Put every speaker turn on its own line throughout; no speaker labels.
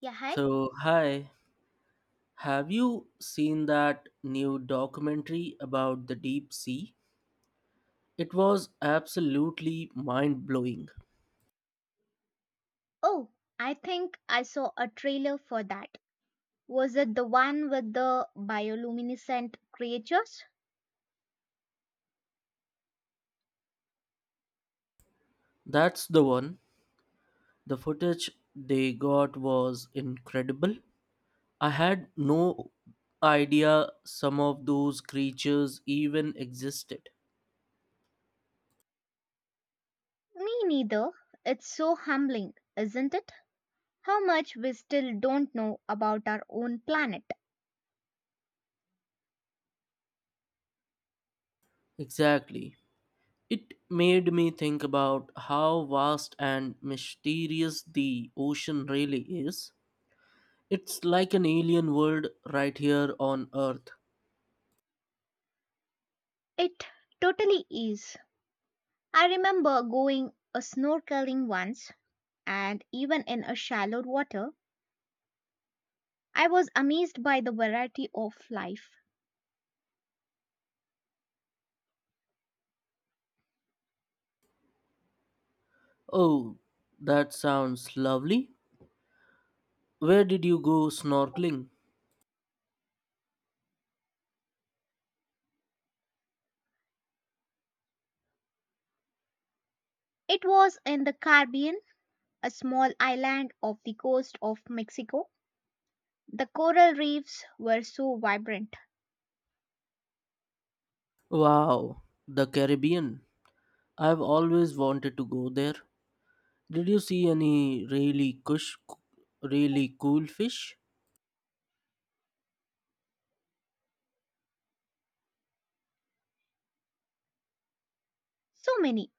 Yeah, hi.
So, hi, have you seen that new documentary about the deep sea? It was absolutely mind blowing.
Oh, I think I saw a trailer for that. Was it the one with the bioluminescent creatures?
That's the one. The footage they got was incredible. I had no idea some of those creatures even existed.
Me neither. It's so humbling, isn't it? How much we still don't know about our own planet.
Exactly. It made me think about how vast and mysterious the ocean really is. It's like an alien world right here on Earth.
It totally is. I remember going a snorkeling once, and even in a shallow water, I was amazed by the variety of life.
Oh, that sounds lovely. Where did you go snorkeling?
It was in the Caribbean, a small island off the coast of Mexico. The coral reefs were so vibrant.
Wow, the Caribbean. I've always wanted to go there. Did you see any really cool fish?
So many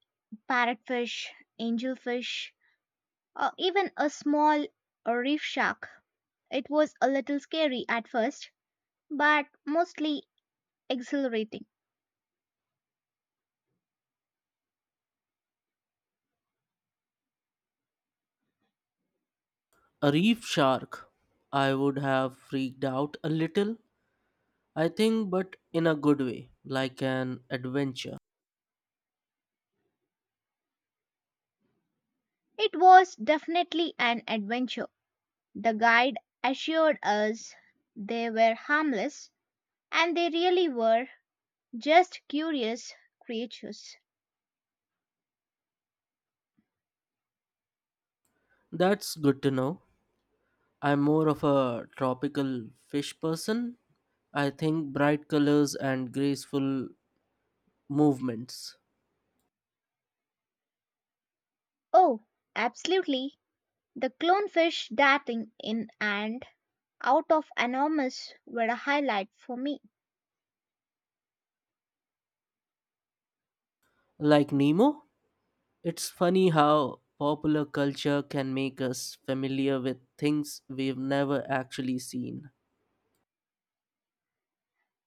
parrotfish, angelfish, or even a small reef shark. It was a little scary at first, but mostly exhilarating.
A reef shark. I would have freaked out a little, I think, but in a good way, like an adventure.
It was definitely an adventure. The guide assured us they were harmless, and they really were just curious creatures.
That's good to know. I'm more of a tropical fish person, I think. Bright colors and graceful movements.
Oh, absolutely. The clownfish darting in and out of enormous were a highlight for me.
Like Nemo, it's funny how popular culture can make us familiar with things we've never actually seen.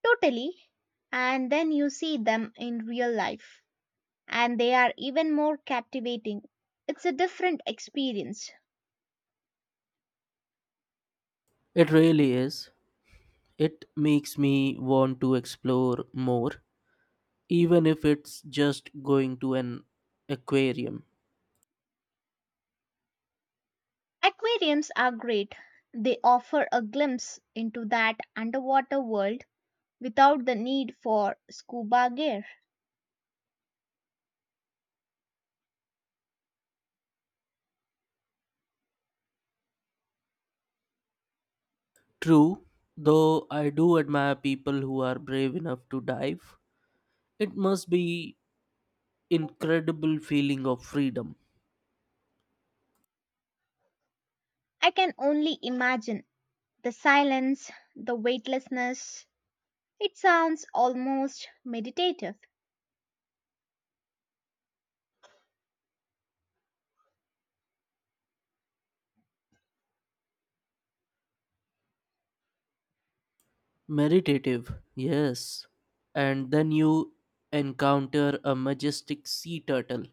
Totally. And then you see them in real life, and they are even more captivating. It's a different experience.
It really is. It makes me want to explore more, even if it's just going to an aquarium.
Aquariums are great. They offer a glimpse into that underwater world without the need for scuba gear.
True, though I do admire people who are brave enough to dive. It must be incredible feeling of freedom.
I can only imagine the silence, the weightlessness. It sounds almost meditative.
Meditative, yes. And then you encounter a majestic sea turtle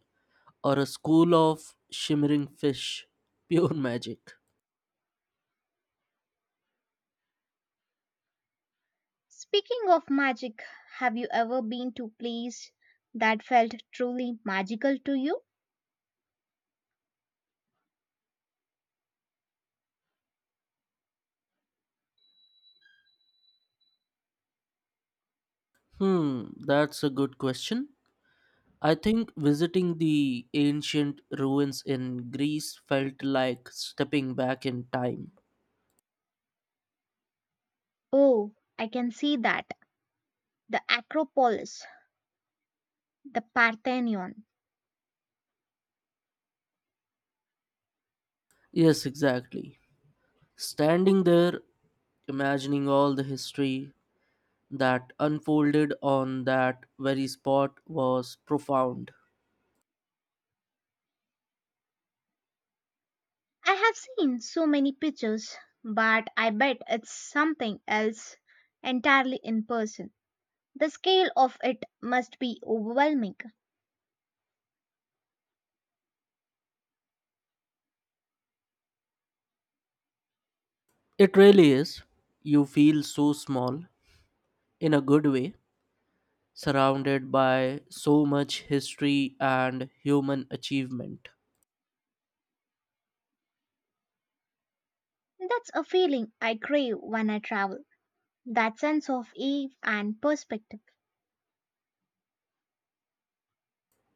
or a school of shimmering fish. Pure magic.
Speaking of magic, have you ever been to a place that felt truly magical to you?
Hmm, that's a good question. I think visiting the ancient ruins in Greece felt like stepping back in time.
Oh, I can see that. The Acropolis, the Parthenon.
Yes, exactly. Standing there, imagining all the history that unfolded on that very spot was profound.
I have seen so many pictures, but I bet it's something else entirely in person. The scale of it must be overwhelming.
It really is. You feel so small, in a good way, surrounded by so much history and human achievement.
That's a feeling I crave when I travel. That sense of awe and perspective.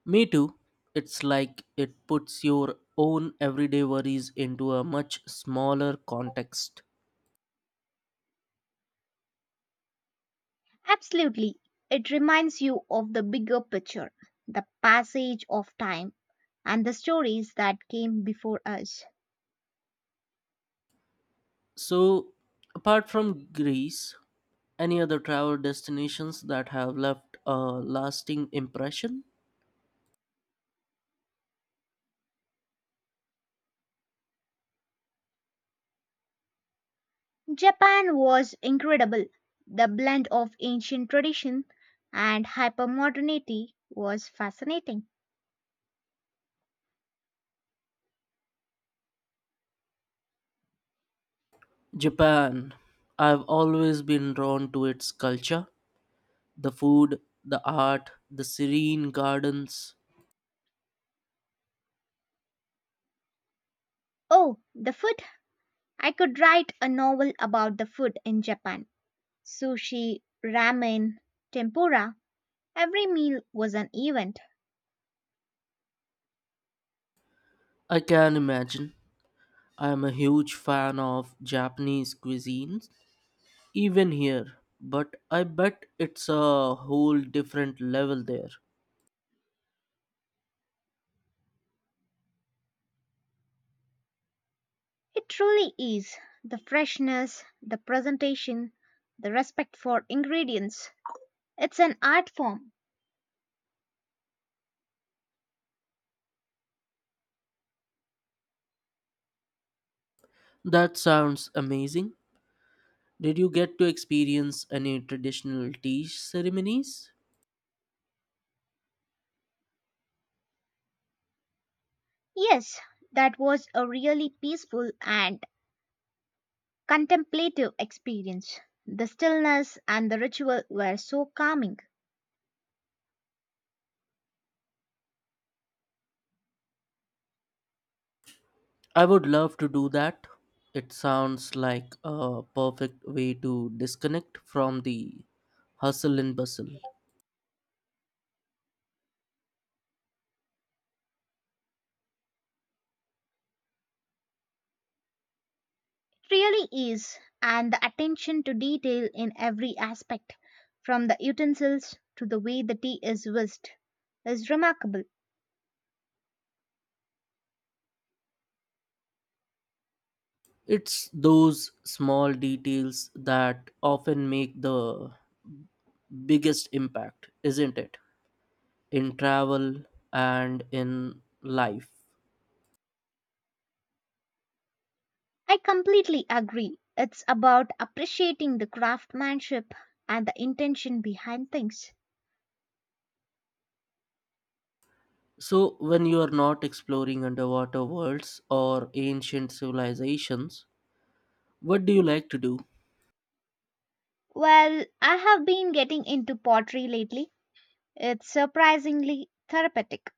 Me too. It's like it puts your own everyday worries into a much smaller context.
Absolutely. It reminds you of the bigger picture, the passage of time, and the stories that came before us.
So, apart from Greece, any other travel destinations that have left a lasting impression?
Japan was incredible. The blend of ancient tradition and hypermodernity was fascinating.
Japan. I've always been drawn to its culture. The food, the art, the serene gardens.
Oh, the food! I could write a novel about the food in Japan. Sushi, ramen, tempura. Every meal was an event.
I can imagine. I am a huge fan of Japanese cuisines, even here, but I bet it's a whole different level there.
It truly is. The freshness, the presentation, the respect for ingredients. It's an art form.
That sounds amazing. Did you get to experience any traditional tea ceremonies?
Yes, that was a really peaceful and contemplative experience. The stillness and the ritual were so calming.
I would love to do that. It sounds like a perfect way to disconnect from the hustle and bustle.
It really is. And the attention to detail in every aspect, from the utensils to the way the tea is whisked, is remarkable.
It's those small details that often make the biggest impact, isn't it? In travel and in life.
I completely agree. It's about appreciating the craftsmanship and the intention behind things.
So, when you are not exploring underwater worlds or ancient civilizations, what do you like to do?
Well, I have been getting into pottery lately. It's surprisingly therapeutic.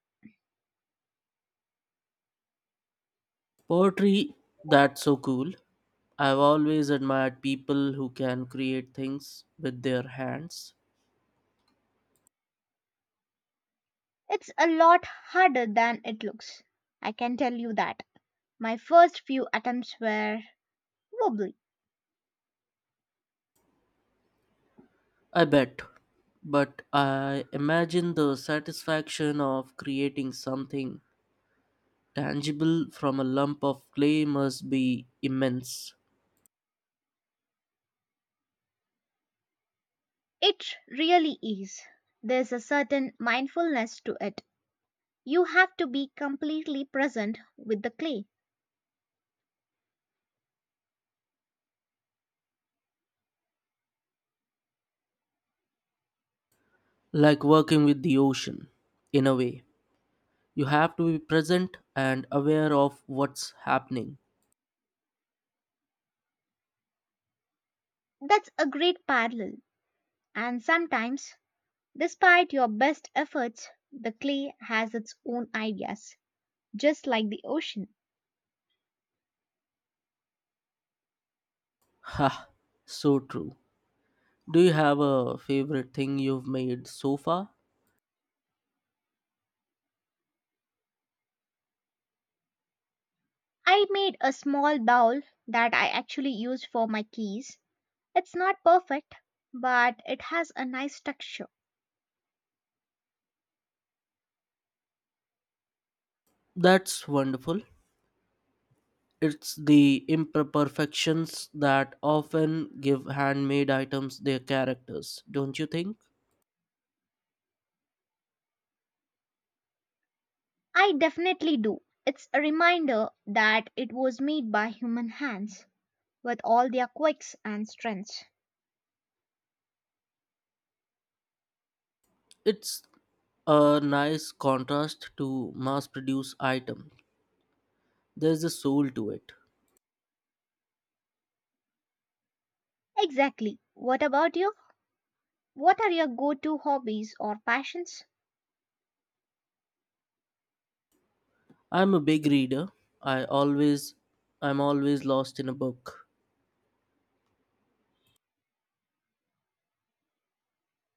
Poetry, that's so cool. I've always admired people who can create things with their hands.
It's a lot harder than it looks. I can tell you that. My first few attempts were wobbly.
I bet. But I imagine the satisfaction of creating something tangible from a lump of clay must be immense.
It really is. There's a certain mindfulness to it. You have to be completely present with the clay.
Like working with the ocean, in a way. You have to be present and aware of what's happening.
That's a great parallel. And sometimes, despite your best efforts, the clay has its own ideas, just like the ocean.
Ha, so true. Do you have a favorite thing you've made so far?
I made a small bowl that I actually used for my keys. It's not perfect, but it has a nice texture.
That's wonderful. It's the imperfections that often give handmade items their characters, don't you think?
I definitely do. It's a reminder that it was made by human hands with all their quirks and strengths.
It's a nice contrast to mass produced item. There's a soul to it.
Exactly. What about you? What are your go to hobbies or passions?
I'm a big reader. I always I'm always lost in a book.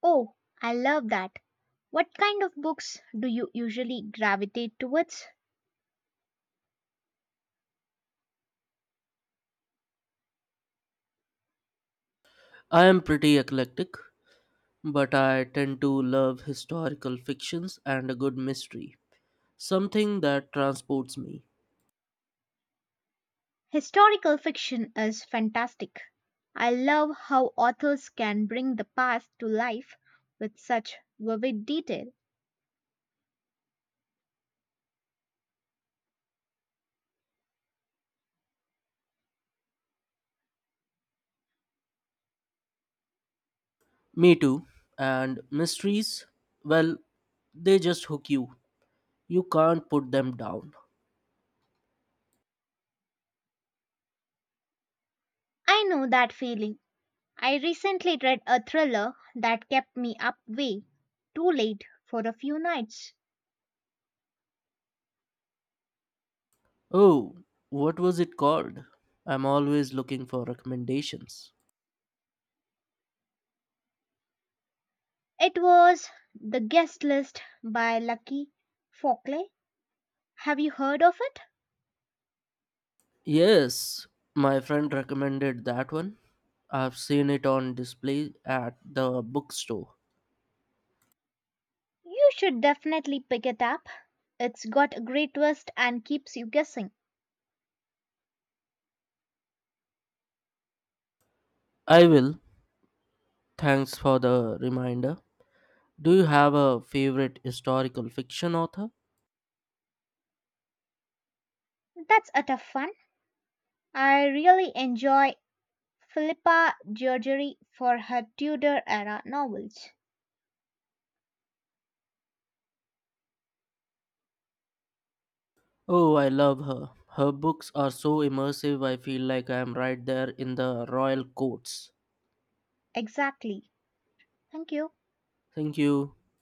Oh, I love that. What kind of books do you usually gravitate towards?
I am pretty eclectic, but I tend to love historical fictions and a good mystery. Something that transports me.
Historical fiction is fantastic. I love how authors can bring the past to life with such vivid detail.
Me too. And mysteries? Well, they just hook you. You can't put them down.
I know that feeling. I recently read a thriller that kept me up way too late for a few nights.
Oh, what was it called? I'm always looking for recommendations.
It was The Guest List by Lucky Fockley. Have you heard of it?
Yes, my friend recommended that one. I've seen it on display at the bookstore.
You should definitely pick it up. It's got a great twist and keeps you guessing.
I will. Thanks for the reminder. Do you have a favorite historical fiction author?
That's a tough one. I really enjoy Philippa Georgeri for her Tudor era novels.
Oh, I love her. Her books are so immersive, I feel like I am right there in the royal courts.
Exactly. Thank you.
Thank you.